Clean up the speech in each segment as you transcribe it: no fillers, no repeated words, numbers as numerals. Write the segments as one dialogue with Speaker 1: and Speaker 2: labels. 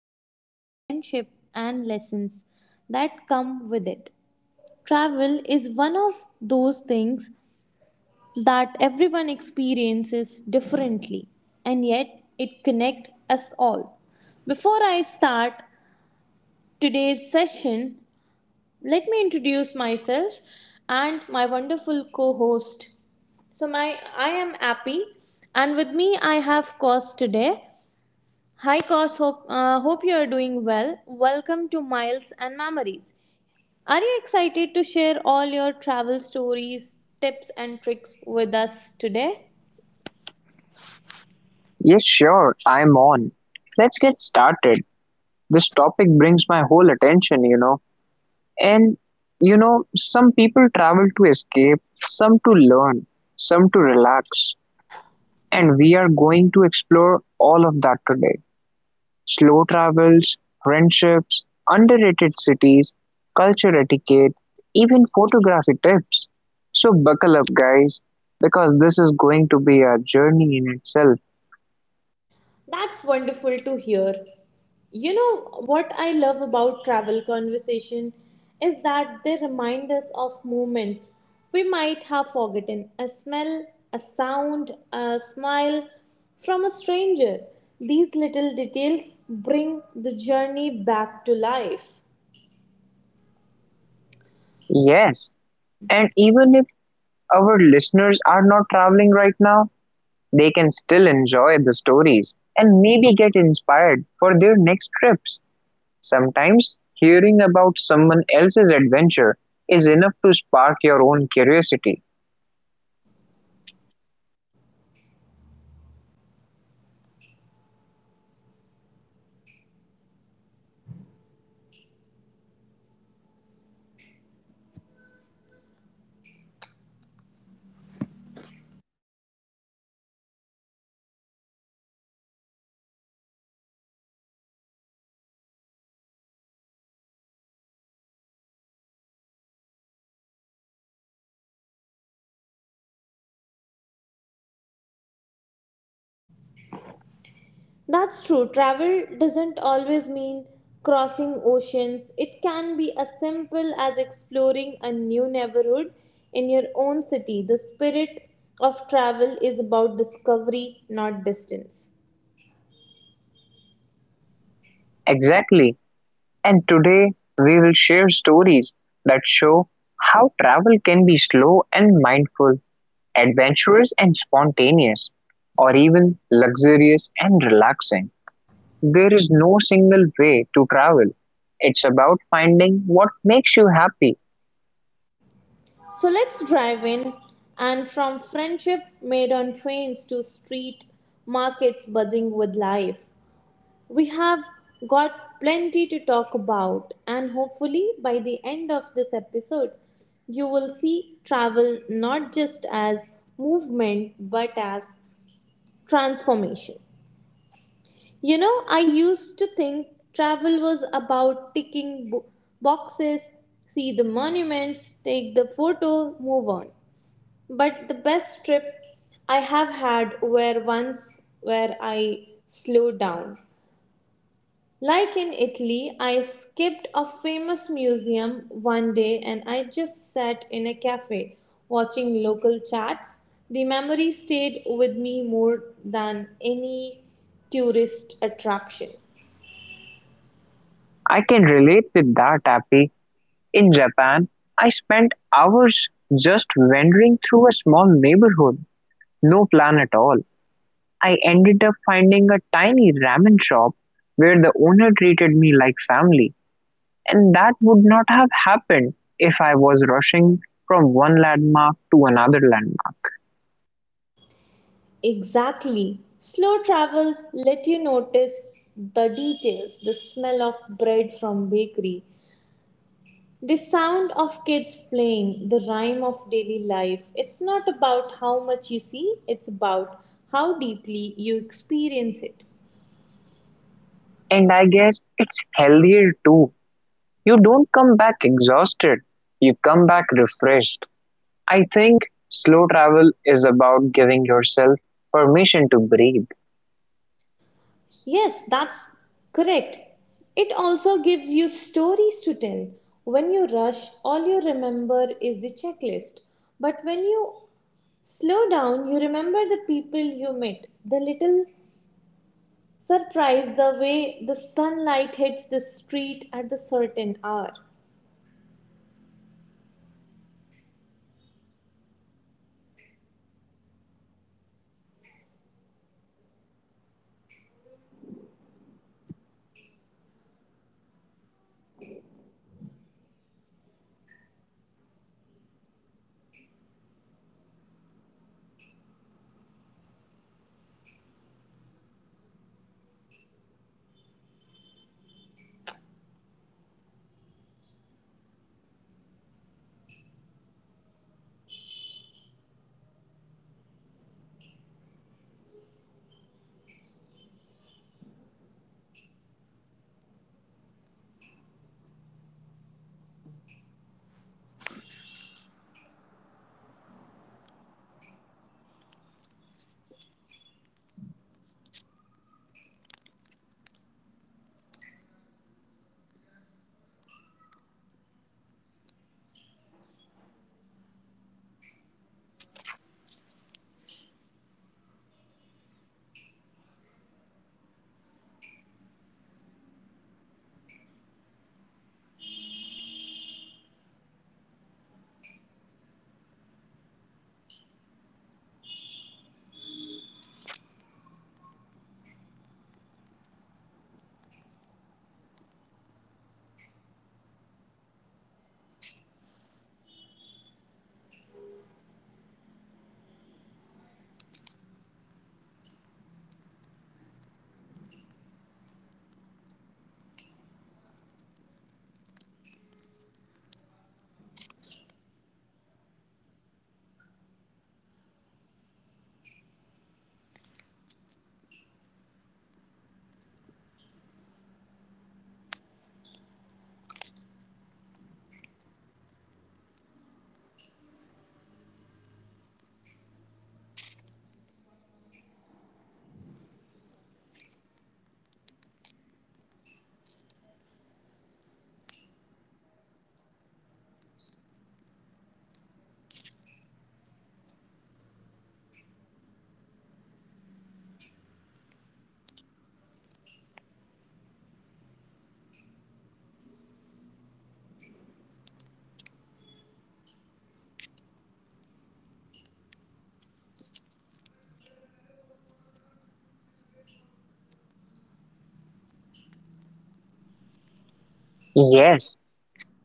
Speaker 1: stories, friendship, and lessons that come with it. Travel is one of those things that everyone experiences differently, and yet it connects us all. Before I start today's session, let me introduce myself and my wonderful co-host. So my, I am Appy, and with me I have Cos today. Hi Cos, hope you are doing well. Welcome to Miles and Memories. Are you excited to share all your travel stories, tips, and tricks with us today?
Speaker 2: Yes sure, I'm on. Let's get started. This topic brings my whole attention, you know. And you know, some people travel to escape, some to learn, some to relax. And we are going to explore all of that today. Slow travels, friendships, underrated cities, culture etiquette, even photography tips. So buckle up, guys, because this is going to be a journey in itself.
Speaker 1: That's wonderful to hear. You know what I love about travel conversation is that they remind us of moments we might have forgotten: a smell, a sound, a smile from a stranger. These little details bring the journey back to life.
Speaker 2: Yes, and even if our listeners are not traveling right now, they can still enjoy the stories and maybe get inspired for their next trips. Sometimes hearing about someone else's adventure is enough to spark your own curiosity.
Speaker 1: That's true. Travel doesn't always mean crossing oceans. It can be as simple as exploring a new neighborhood in your own city. The spirit of travel is about discovery, not distance.
Speaker 2: Exactly. And today we will share stories that show how travel can be slow and mindful, adventurous and spontaneous, or even luxurious and relaxing. There is no single way to travel. It's about finding what makes you happy.
Speaker 1: So let's drive in. And from friendship made on trains to street markets buzzing with life. We have got plenty to talk about, and hopefully, by the end of this episode, you will see travel not just as movement but as transformation. You know, I used to think travel was about boxes, see the monuments, take the photo, move on. But the best trip I have had were ones where I slowed down. Like in Italy, I skipped a famous museum one day and I just sat in a cafe watching local chats. The memory stayed with me more than any tourist attraction.
Speaker 2: I can relate with that, Happy. In Japan, I spent hours just wandering through a small neighborhood, no plan at all. I ended up finding a tiny ramen shop where the owner treated me like family, and that would not have happened if I was rushing from one landmark to another landmark.
Speaker 1: Exactly. Slow travels let you notice the details, the smell of bread from bakery, the sound of kids playing, the rhyme of daily life. It's not about how much you see, it's about how deeply you experience it.
Speaker 2: And I guess it's healthier too. You don't come back exhausted, you come back refreshed. I think slow travel is about giving yourself permission to breathe.
Speaker 1: Yes, that's correct. It also gives you stories to tell. When you rush, all you remember is the checklist. But when you slow down, you remember the people you met, the little surprise, the way the sunlight hits the street at the certain hour.
Speaker 2: Yes,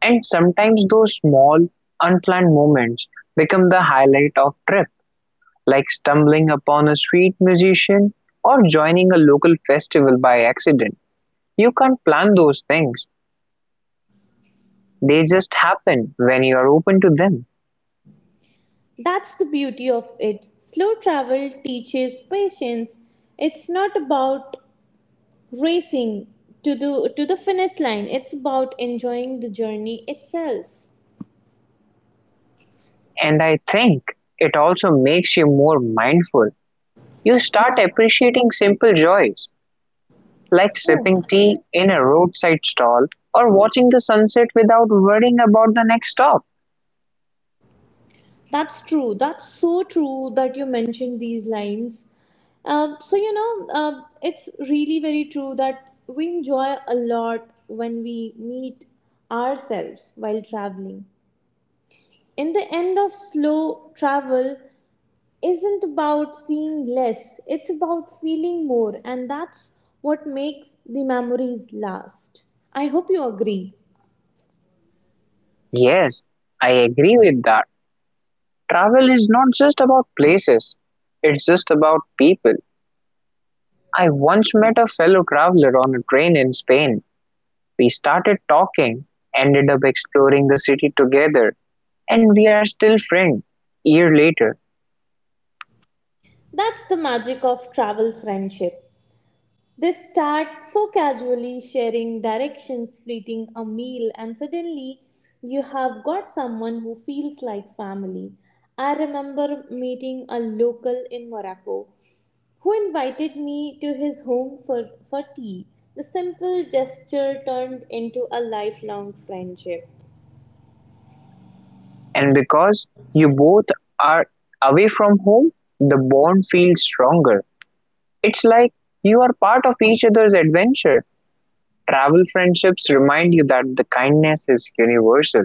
Speaker 2: and sometimes those small, unplanned moments become the highlight of trip, like stumbling upon a street musician or joining a local festival by accident. You can't plan those things. They just happen when you are open to them.
Speaker 1: That's the beauty of it. Slow travel teaches patience. It's not about racing to the finish line. It's about enjoying the journey itself.
Speaker 2: And I think it also makes you more mindful. You start
Speaker 1: Yeah.
Speaker 2: appreciating simple joys, like
Speaker 1: Oh,
Speaker 2: sipping tea in a roadside stall or watching the sunset without worrying about the next stop.
Speaker 1: that's true. That's so true that you mentioned these lines. So you know, it's really very true that we enjoy a lot when we meet ourselves while traveling. In the end of slow travel, isn't about seeing less, it's about feeling more, and that's what makes the memories last. I hope you agree.
Speaker 2: Yes, I agree with that. Travel is not just about places, it's just about people. I once met a fellow traveler on a train in Spain. We started talking, ended up exploring the city together, and we are still friends. Year later,
Speaker 1: That's the magic of travel friendship. They start so casually sharing directions, splitting a meal, and suddenly you have got someone who feels like family. I remember meeting a local in Morocco who invited me to his home for tea. The simple gesture turned into a lifelong friendship.
Speaker 2: and because you both are away from home, the bond feels stronger. It's like you are part of each other's adventure. Travel friendships remind you that the kindness is universal.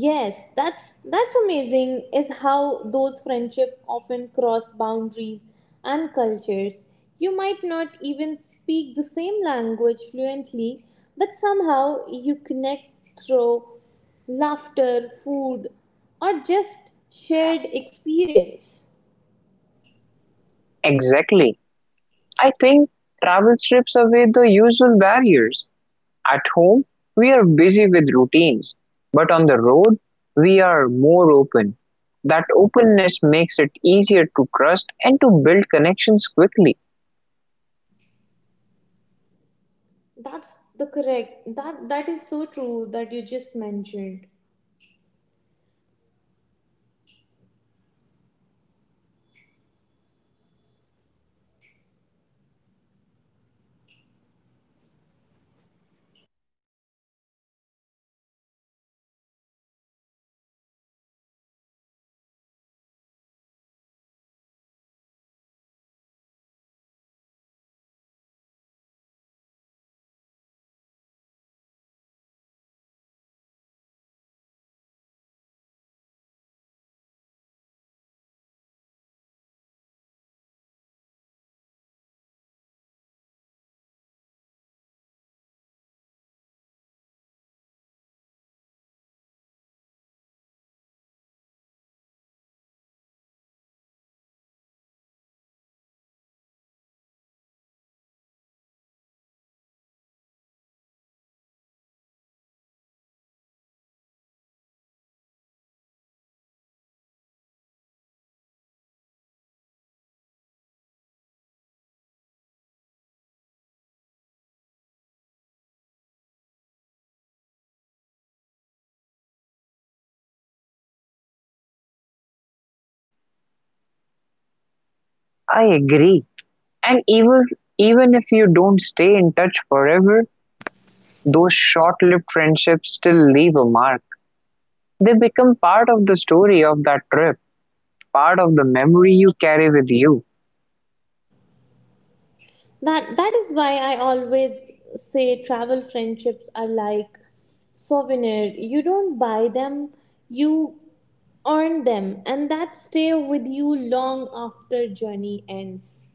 Speaker 1: Yes, that's amazing is how those friendship often cross boundaries and cultures. You might not even speak the same language fluently, but somehow you connect through laughter, food, or just shared experience.
Speaker 2: Exactly. I think travel strips away the usual barriers. At home, we are busy with routines, but on the road, we are more open. That openness makes it easier to trust and to build connections quickly.
Speaker 1: That's the correct that that is so true that you just mentioned.
Speaker 2: I agree. And even if you don't stay in touch forever, those short-lived friendships still leave a mark. They become part of the story of that trip, part of the memory you carry with you.
Speaker 1: That that is why I always say travel friendships are like souvenir. You don't buy them, you earn them, and that stay with you long after journey ends.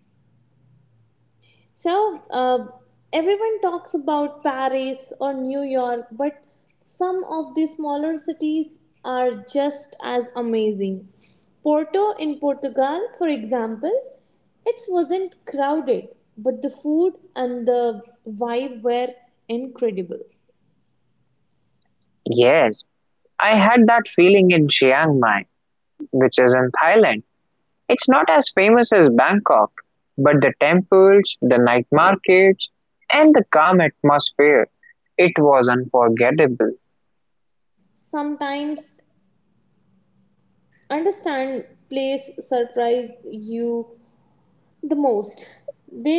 Speaker 1: so, uh, everyone talks about Paris or New York, but some of the smaller cities are just as amazing. Porto in Portugal, for example, it wasn't crowded, but the food and the vibe were incredible.
Speaker 2: Yes, I had that feeling in Chiang Mai, which is in Thailand. It's not as famous as Bangkok, but the temples, the night markets, and the calm atmosphere, it was unforgettable.
Speaker 1: Sometimes understand place surprise you the most. They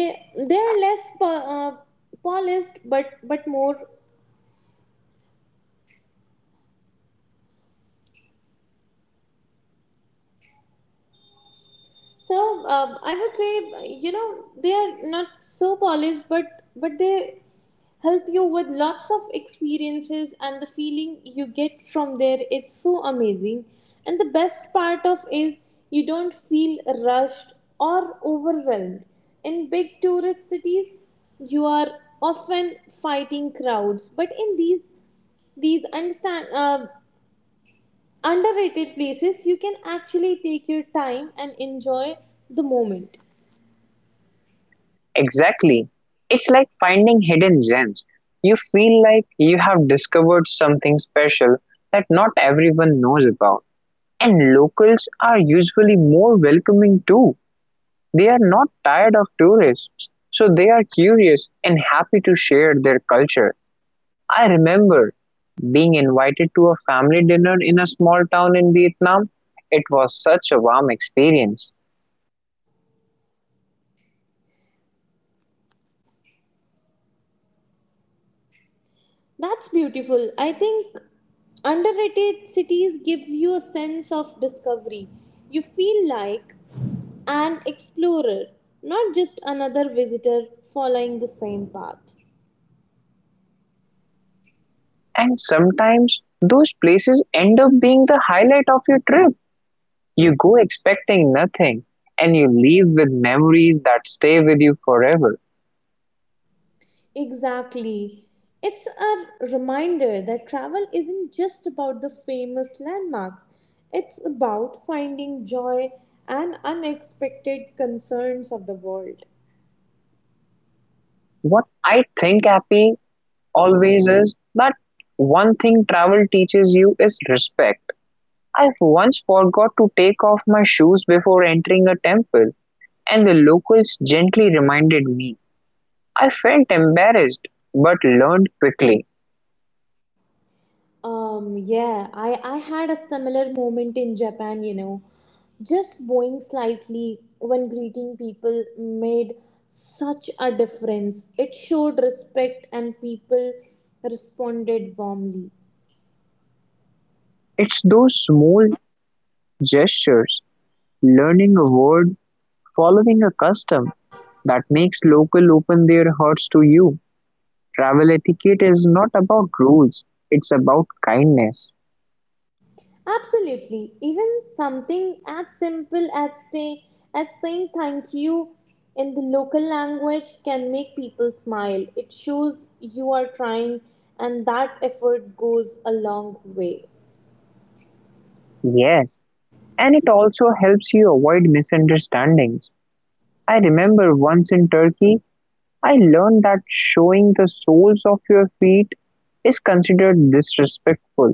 Speaker 1: they are less polished but more. So I would say, you know, they are not so polished, but they help you with lots of experiences and the feeling you get from there. It's so amazing, and the best part of is you don't feel rushed or overwhelmed. In big tourist cities, you are often fighting crowds, but in these understand underrated places, you can actually take your time and enjoy the moment.
Speaker 2: Exactly. It's like finding hidden gems. You feel like you have discovered something special that not everyone knows about. And locals are usually more welcoming too. They are not tired of tourists, so they are curious and happy to share their culture. I remember being invited to a family dinner in a small town in Vietnam. It was such a warm experience.
Speaker 1: That's beautiful. I think underrated cities gives you a sense of discovery. You feel like an explorer, not just another visitor following the same path.
Speaker 2: And sometimes those places end up being the highlight of your trip. You go expecting nothing, and you leave with memories that stay with you forever.
Speaker 1: Exactly. It's a reminder that travel isn't just about the famous landmarks. It's about finding joy and unexpected concerns of the world.
Speaker 2: What I think, Happy, always is that one thing travel teaches you is respect. I once forgot to take off my shoes before entering a temple, and the locals gently reminded me. I felt embarrassed, but learned quickly.
Speaker 1: Yeah, I had a similar moment in Japan, you know. Just bowing slightly when greeting people made such a difference. It showed respect and people responded warmly.
Speaker 2: It's those small gestures, learning a word, following a custom, that makes locals open their hearts to you. Travel etiquette is not about rules, it's about kindness.
Speaker 1: Absolutely. Even something as simple as as saying thank you in the local language can make people smile. It shows you are trying and that effort goes a long way.
Speaker 2: Yes, and it also helps you avoid misunderstandings. I remember once in Turkey, I learned that showing the soles of your feet is considered disrespectful.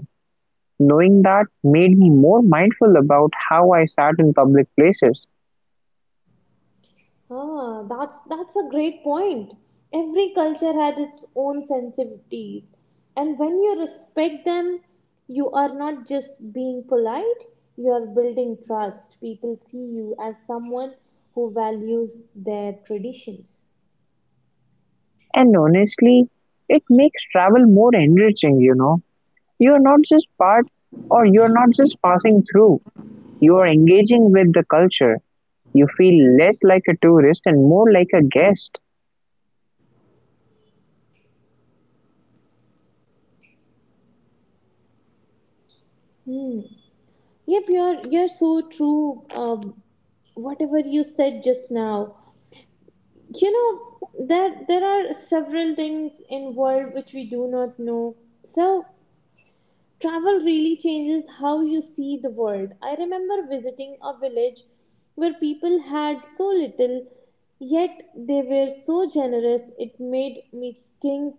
Speaker 2: Knowing that made me more mindful about how I sat in public places.
Speaker 1: Ah, that's a great point. Every culture has its own sensitivities, and when you respect them, you are not just being polite, you are building trust. People see you as someone who values their traditions.
Speaker 2: And honestly, it makes travel more enriching, you know. You're not just part, or you're not just passing through. You are engaging with the culture. You feel less like a tourist and more like a guest.
Speaker 1: Hmm. Yep, you're so true. Whatever you said just now, you know that there are several things involved which we do not know. So travel really changes how you see the world. I remember visiting a village where people had so little, yet they were so generous. It made me think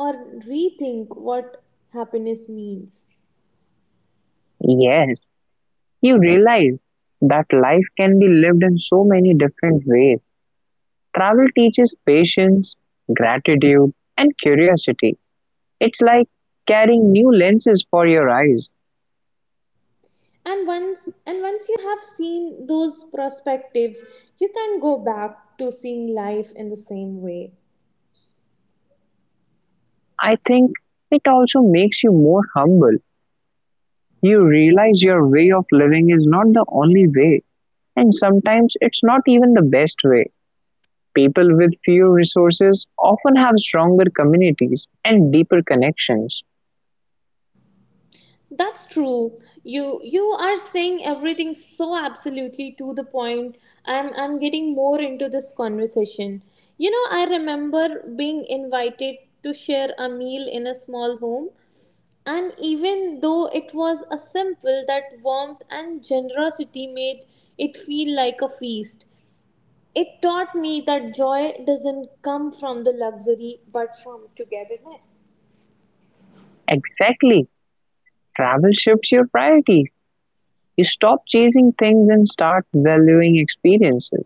Speaker 1: or rethink what happiness means.
Speaker 2: Yes, you realize that life can be lived in so many different ways. Travel teaches patience, gratitude, and curiosity. It's like carrying new lenses for your eyes.
Speaker 1: And once you have seen those perspectives, you can go back to seeing life in the same way.
Speaker 2: I think it also makes you more humble. You realize your way of living is not the only way. And sometimes it's not even the best way. People with fewer resources often have stronger communities and deeper connections.
Speaker 1: That's true. You are saying everything so absolutely to the point. I'm getting more into this conversation. You know, I remember being invited to share a meal in a small home, and even though it was a simple, that warmth and generosity made it feel like a feast. It taught me that joy doesn't come from the luxury but from togetherness.
Speaker 2: Exactly. Travel shifts your priorities. You stop chasing things and start valuing experiences.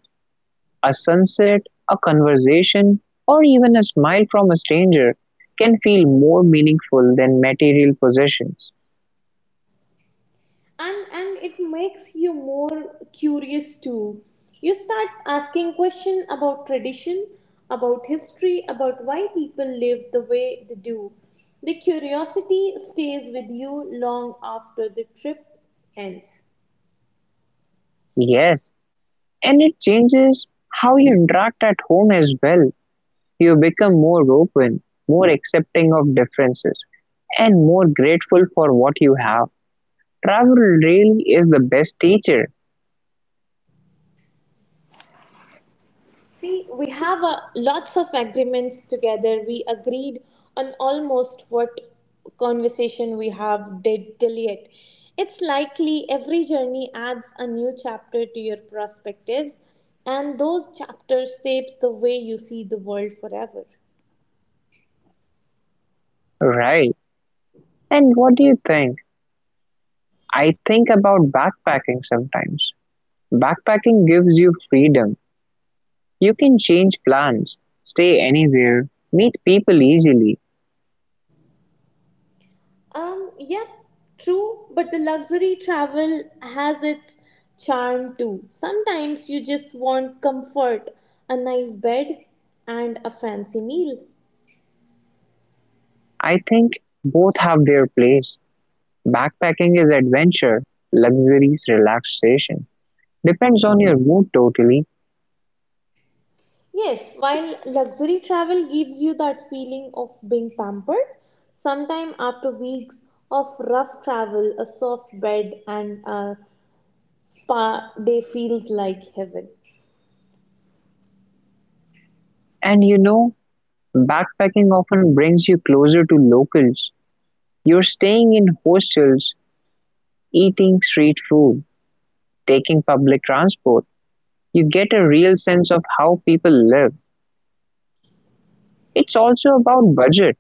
Speaker 2: A sunset, a conversation, or even a smile from a stranger can feel more meaningful than material possessions.
Speaker 1: And it makes you more curious too. You start asking questions about tradition, about history, about why people live the way they do. The curiosity stays with you long after the trip ends.
Speaker 2: Yes, and it changes how you interact at home as well. You become more open, more accepting of differences, and more grateful for what you have. Travel really is the best teacher,
Speaker 1: See, we have lots of agreements together. We agreed on almost what conversation we have did till yet. It's likely every journey adds a new chapter to your perspectives, and those chapters shapes the way you see the world forever.
Speaker 2: right? And what do you think? I think about backpacking sometimes. Backpacking gives you freedom. You can change plans, stay anywhere, meet people easily.
Speaker 1: Yep, true, but the luxury travel has its charm too. Sometimes you just want comfort, a nice bed, and a fancy meal.
Speaker 2: I think both have their place. Backpacking is adventure, luxury is relaxation. Depends on your mood totally.
Speaker 1: Yes, while luxury travel gives you that feeling of being pampered, sometime after weeks of rough travel, a soft bed and a spa day feels like heaven.
Speaker 2: And you know, backpacking often brings you closer to locals; you're staying in hostels, eating street food, taking public transport. You get a real sense of how people live. It's also about budget.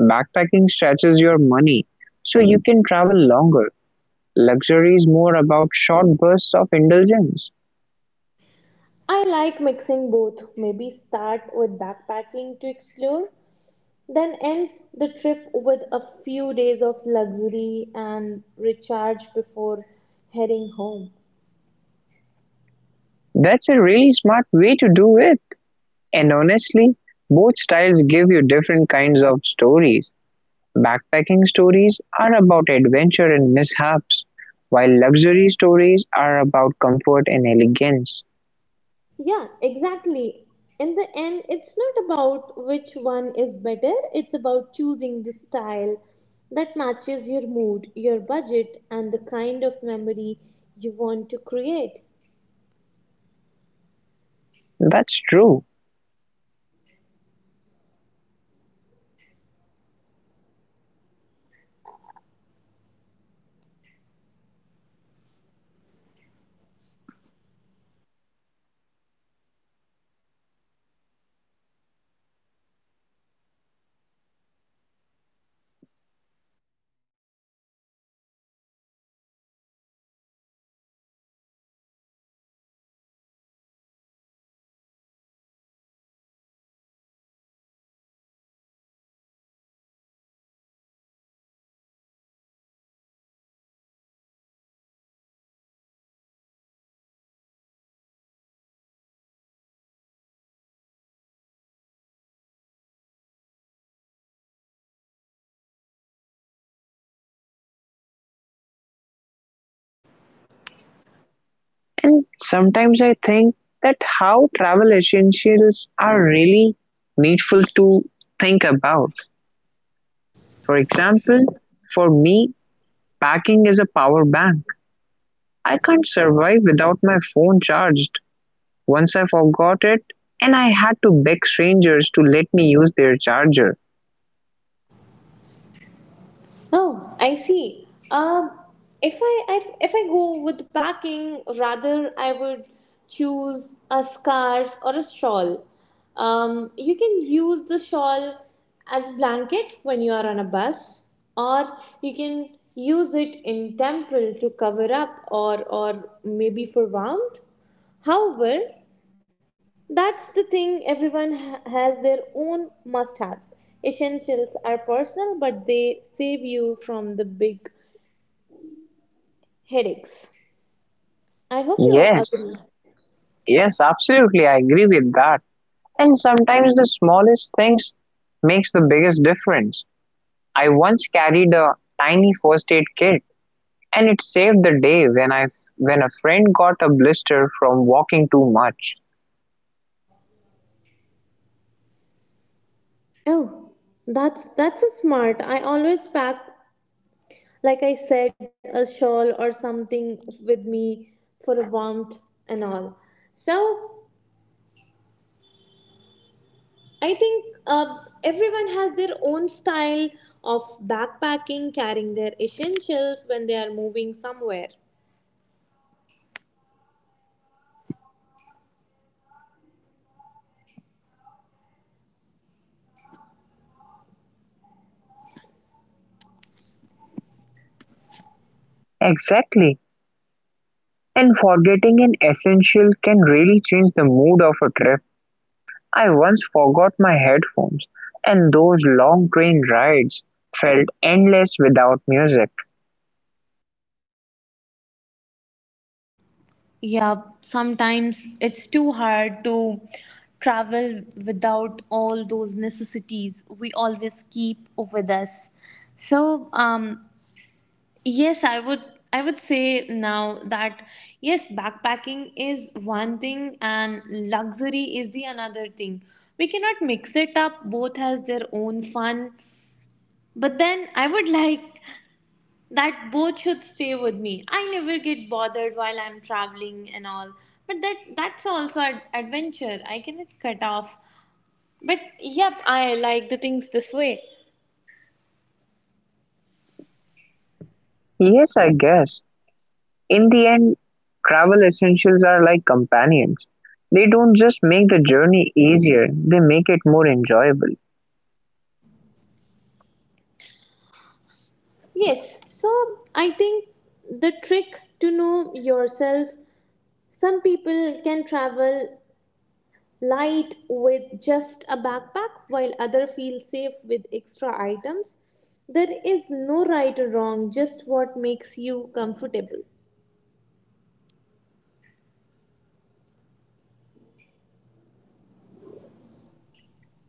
Speaker 2: Backpacking stretches your money so you can travel longer. Luxury is more about short bursts of indulgence.
Speaker 1: I like mixing both. Maybe start with backpacking to explore, then ends the trip with a few days of luxury and recharge before heading home.
Speaker 2: That's a really smart way to do it. And honestly, both styles give you different kinds of stories. Backpacking stories are about adventure and mishaps, while luxury stories are about comfort and elegance.
Speaker 1: Yeah, exactly. In the end, it's not about which one is better, it's about choosing the style that matches your mood, your budget, and the kind of memory you want to create.
Speaker 2: That's true. And sometimes I think that how travel essentials are really needful to think about. For example, for me, packing is a power bank. I can't survive without my phone charged. Once I forgot it, and I had to beg strangers to let me use their charger.
Speaker 1: Oh, I see. If I, if I go with packing, rather I would choose a scarf or a shawl. You can use the shawl as a blanket when you are on a bus, or you can use it in temple to cover up or maybe for warmth. However, that's the thing, everyone has their own must haves. Essentials are personal, but they save you from the big headaches. I hope you
Speaker 2: Yes,
Speaker 1: agree.
Speaker 2: yes, absolutely. I agree with that. And sometimes the smallest things makes the biggest difference. I once carried a tiny first aid kit and it saved the day when I, when a friend got a blister from walking too much.
Speaker 1: Oh, that's a smart. I always pack, like I said, a shawl or something with me for a warmth and all. So I think everyone has their own style of backpacking, carrying their essentials when they are moving somewhere.
Speaker 2: Exactly. And forgetting an essential can really change the mood of a trip. I once forgot my headphones and those long train rides felt endless without music.
Speaker 1: Yeah, sometimes it's too hard to travel without all those necessities we always keep with us. So, um, yes, I would say now that yes, backpacking is one thing and luxury is the another thing. We cannot mix it up. Both has their own fun. But then I would like that both should stay with me. I never get bothered while I'm traveling and all. But that's also an adventure. I cannot cut off. But yep, I like the things this way.
Speaker 2: Yes, I guess. In the end, travel essentials are like companions. They don't just make the journey easier, they make it more enjoyable.
Speaker 1: Yes. So I think the trick to know yourself. Some people can travel light with just a backpack while other feel safe with extra items. There is no right or wrong, just what makes you comfortable.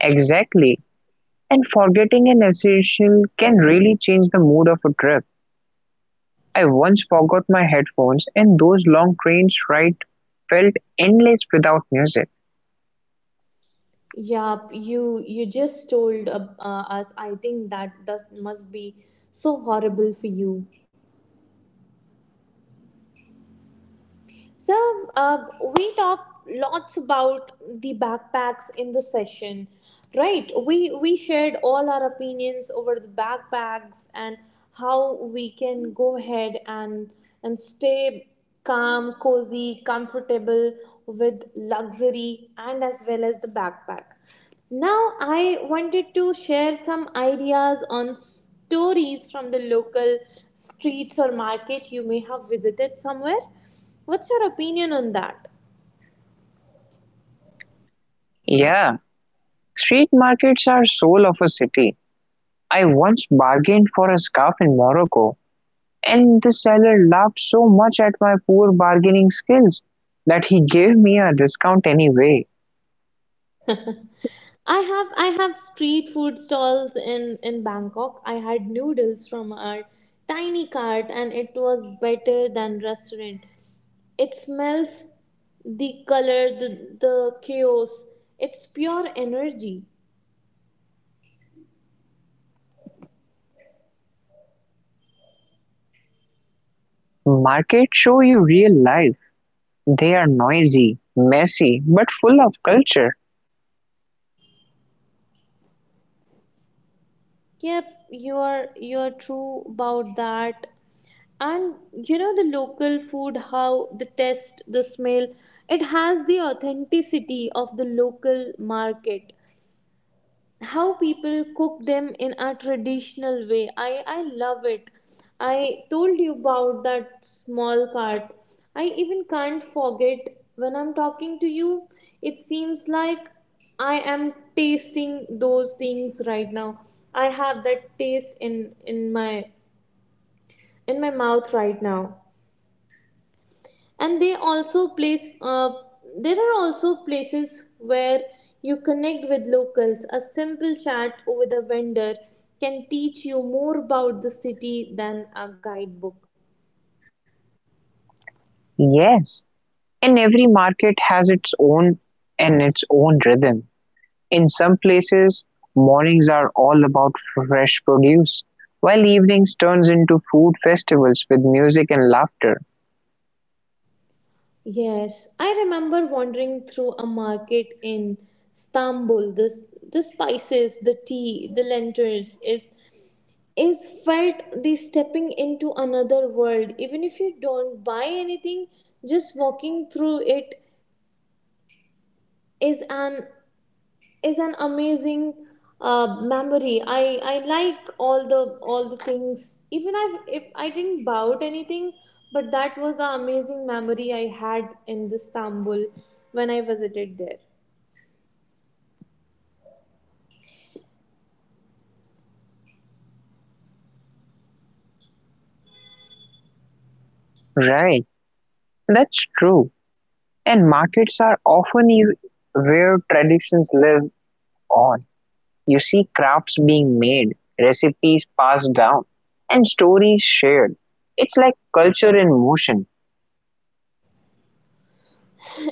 Speaker 2: Exactly. And forgetting an essential can really change the mood of a trip. I once forgot my headphones, and those long train rides felt endless without music.
Speaker 1: Yup, you just told us. I think that that must be so horrible for you. So, uh, we talked lots about the backpacks in the session, right? We shared all our opinions over the backpacks and how we can go ahead and stay calm, cozy, comfortable with luxury and as well as the backpack. Now, I wanted to share some ideas on stories from the local streets or market you may have visited somewhere. What's your opinion on that?
Speaker 2: Yeah, street markets are soul of a city. I once bargained for a scarf in Morocco, and the seller laughed so much at my poor bargaining skills that he gave me a discount anyway.
Speaker 1: I have street food stalls in Bangkok. I had noodles from our tiny cart and it was better than restaurant. It smells the color, the chaos. It's pure energy.
Speaker 2: Markets show you real life. They are noisy, messy, but full of culture.
Speaker 1: Yep, you're true about that. And you know the local food, how the taste, the smell, it has the authenticity of the local market, how people cook them in a traditional way. I love it. I told you about that small cart. I even can't forget, when I'm talking to you, it seems like I am tasting those things right now. I have that taste in my in my mouth right now. And they also place, there are also places where you connect with locals. A simple chat with a vendor can teach you more about the city than a guidebook.
Speaker 2: Yes, and every market has its own, and its own rhythm. In some places, mornings are all about fresh produce, while evenings turns into food festivals with music and laughter.
Speaker 1: Yes, I remember wandering through a market in Istanbul. This, the spices, the tea, the lentils, is, felt the stepping into another world. Even if you don't buy anything, just walking through it is an is an amazing memory. I like all the things. Even I, if I didn't buy out anything, but that was an amazing memory I had in Istanbul when I visited there.
Speaker 2: Right, that's true. And markets are often where traditions live on. You see crafts being made, recipes passed down, and stories shared. It's like culture in motion.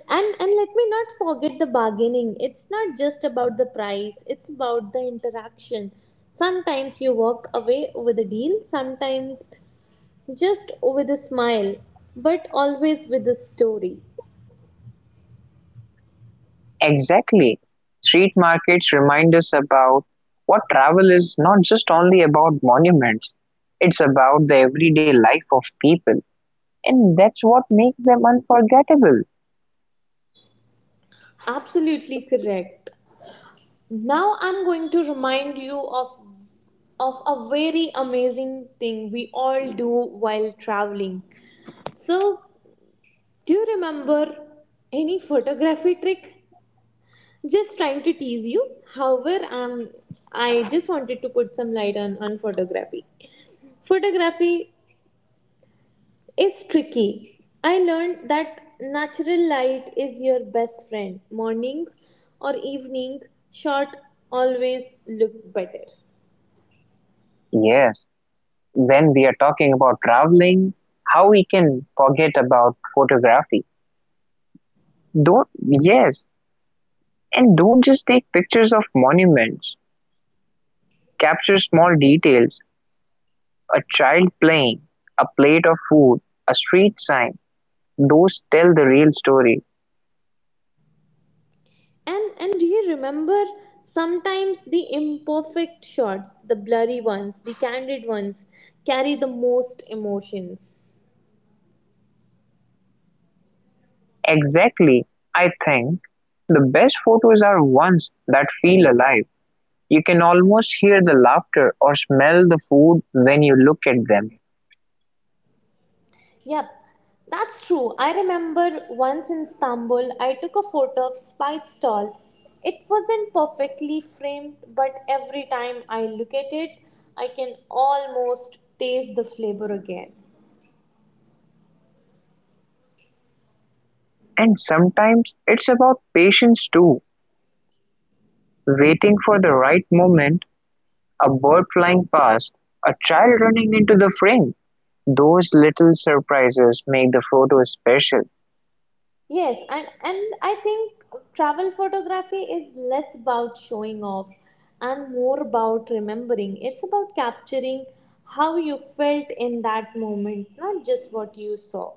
Speaker 1: And let me not forget the bargaining. It's not just about the price, it's about the interaction. Sometimes you walk away with a deal, sometimes just with a smile, but always with a story.
Speaker 2: Exactly. Street markets remind us about what travel is, not just only about monuments, it's about the everyday life of people, and that's what makes them unforgettable.
Speaker 1: Absolutely correct. Now I'm going to remind you of a very amazing thing we all do while traveling. So, do you remember any photography trick? Just trying to tease you. However, I just wanted to put some light on photography. Photography is tricky. I learned that natural light is your best friend. Mornings or evening shot always look better.
Speaker 2: Yes, when we are talking about traveling, how we can forget about photography. Don't, yes, and don't just take pictures of monuments, capture small details, a child playing, a plate of food, a street sign. Those tell the real story.
Speaker 1: And do you remember, sometimes the imperfect shots, the blurry ones, the candid ones carry the most emotions.
Speaker 2: Exactly, I think the best photos are ones that feel alive. You can almost hear the laughter or smell the food when you look at them.
Speaker 1: Yep. That's true. I remember once in Istanbul, I took a photo of spice stall. It wasn't perfectly framed, but every time I look at it, I can almost taste the flavor again.
Speaker 2: And sometimes it's about patience too. Waiting for the right moment, a bird flying past, a child running into the frame. Those little surprises make the photo special,
Speaker 1: Yes, and I think travel photography is less about showing off and more about remembering. It's about capturing how you felt in that moment, not just what you saw.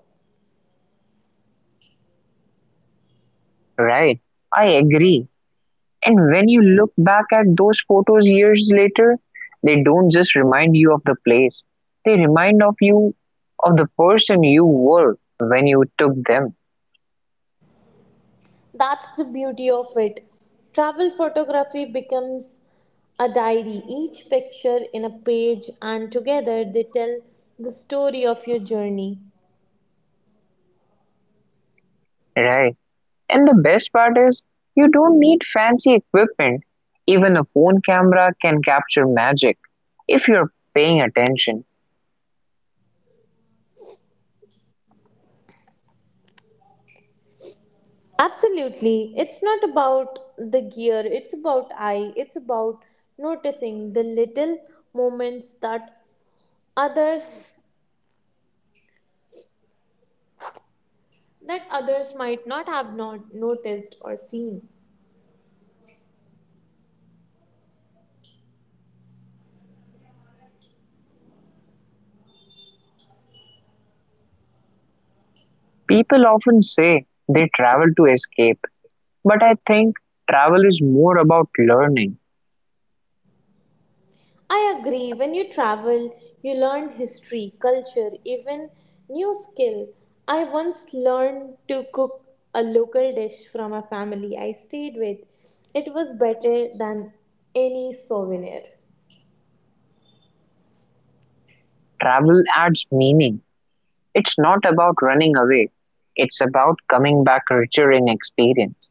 Speaker 2: right? I agree. And when you look back at those photos years later, they don't just remind you of the place. They remind of you of the person you were when you took them,
Speaker 1: That's the beauty of it. Travel photography becomes a diary, each picture in a page, and together they tell the story of your journey.
Speaker 2: right? And the best part is, you don't need fancy equipment. Even a phone camera can capture magic if you're paying attention.
Speaker 1: Absolutely. It's not about the gear, it's about it's about noticing the little moments others that others might not have not noticed or seen.
Speaker 2: People often say they travel to escape, but I think travel is more about learning.
Speaker 1: I agree. When you travel, you learn history, culture, even new skill. I once learned to cook a local dish from a family I stayed with. It was better than any souvenir.
Speaker 2: Travel adds meaning. It's not about running away, it's about coming back richer in experience.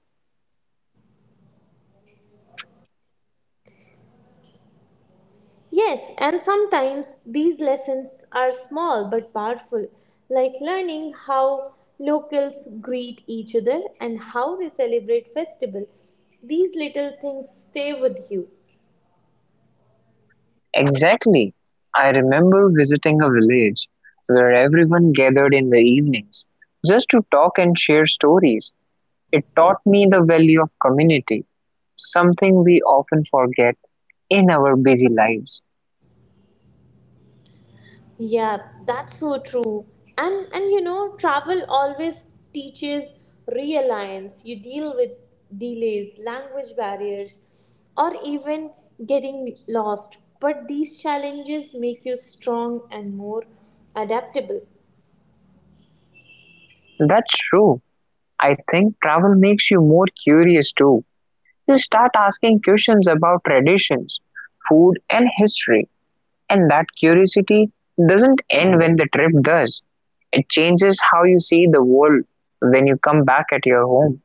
Speaker 1: Yes, and sometimes these lessons are small but powerful, like learning how locals greet each other and how they celebrate festival. These little things stay with you.
Speaker 2: Exactly. I remember visiting a village where everyone gathered in the evenings just to talk and share stories. It taught me the value of community, something we often forget in our busy lives.
Speaker 1: Yeah, that's so true. And you know, travel always teaches reliance. You deal with delays, language barriers, or even getting lost. But these challenges make you strong and more adaptable.
Speaker 2: That's true. I think travel makes you more curious too. You start asking questions about traditions, food, and history, and that curiosity doesn't end when the trip does. It changes how you see the world when you come back at your home.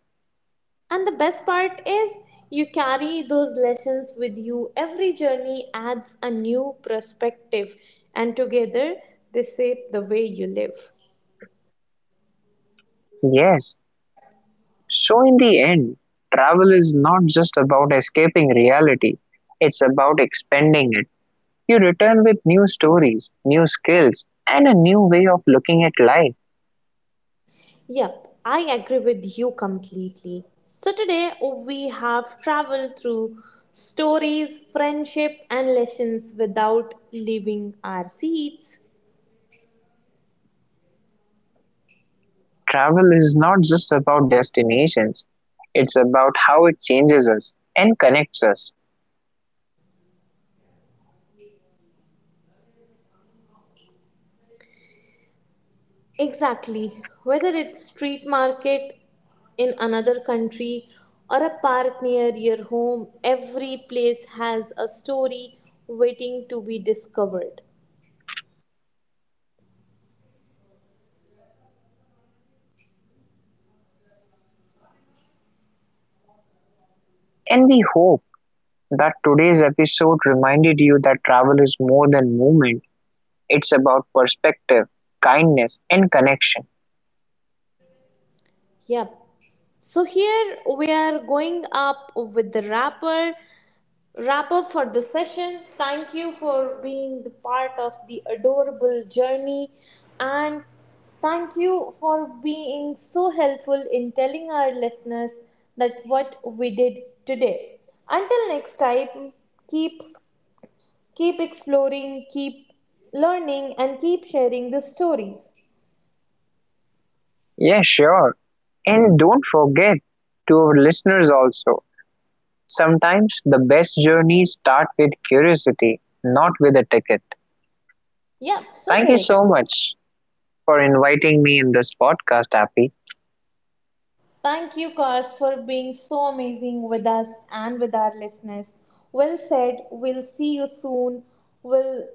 Speaker 1: And the best part is, you carry those lessons with you. Every journey adds a new perspective, and together they shape the way you live.
Speaker 2: Yes, so in the end, travel is not just about escaping reality, it's about expanding it. You return with new stories, new skills, and a new way of looking at life.
Speaker 1: Yep, I agree with you completely. So, today we have traveled through stories, friendship, and lessons without leaving our seats.
Speaker 2: Travel is not just about destinations, it's about how it changes us and connects us.
Speaker 1: Exactly. Whether it's street market in another country or a park near your home, every place has a story waiting to be discovered.
Speaker 2: And we hope that today's episode reminded you that travel is more than movement, it's about perspective, kindness, and connection.
Speaker 1: Yep. So here we are going up with the wrap up for the session. Thank you for being the part of the adorable journey, and thank you for being so helpful in telling our listeners that what we did today. Until next time, keep keep exploring, keep learning, and keep sharing the stories.
Speaker 2: Yeah, sure. And don't forget, to our listeners also, sometimes the best journeys start with curiosity, not with a ticket.
Speaker 1: Yep, so
Speaker 2: Thank you
Speaker 1: correct.
Speaker 2: so much for inviting me in this podcast, Happy.
Speaker 1: Thank you, Kash, for being so amazing with us and with our listeners. Well said. We'll see you soon. We'll,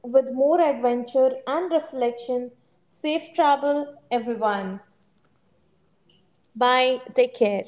Speaker 1: with more adventure and reflection. Safe travel, everyone. Bye. Take care.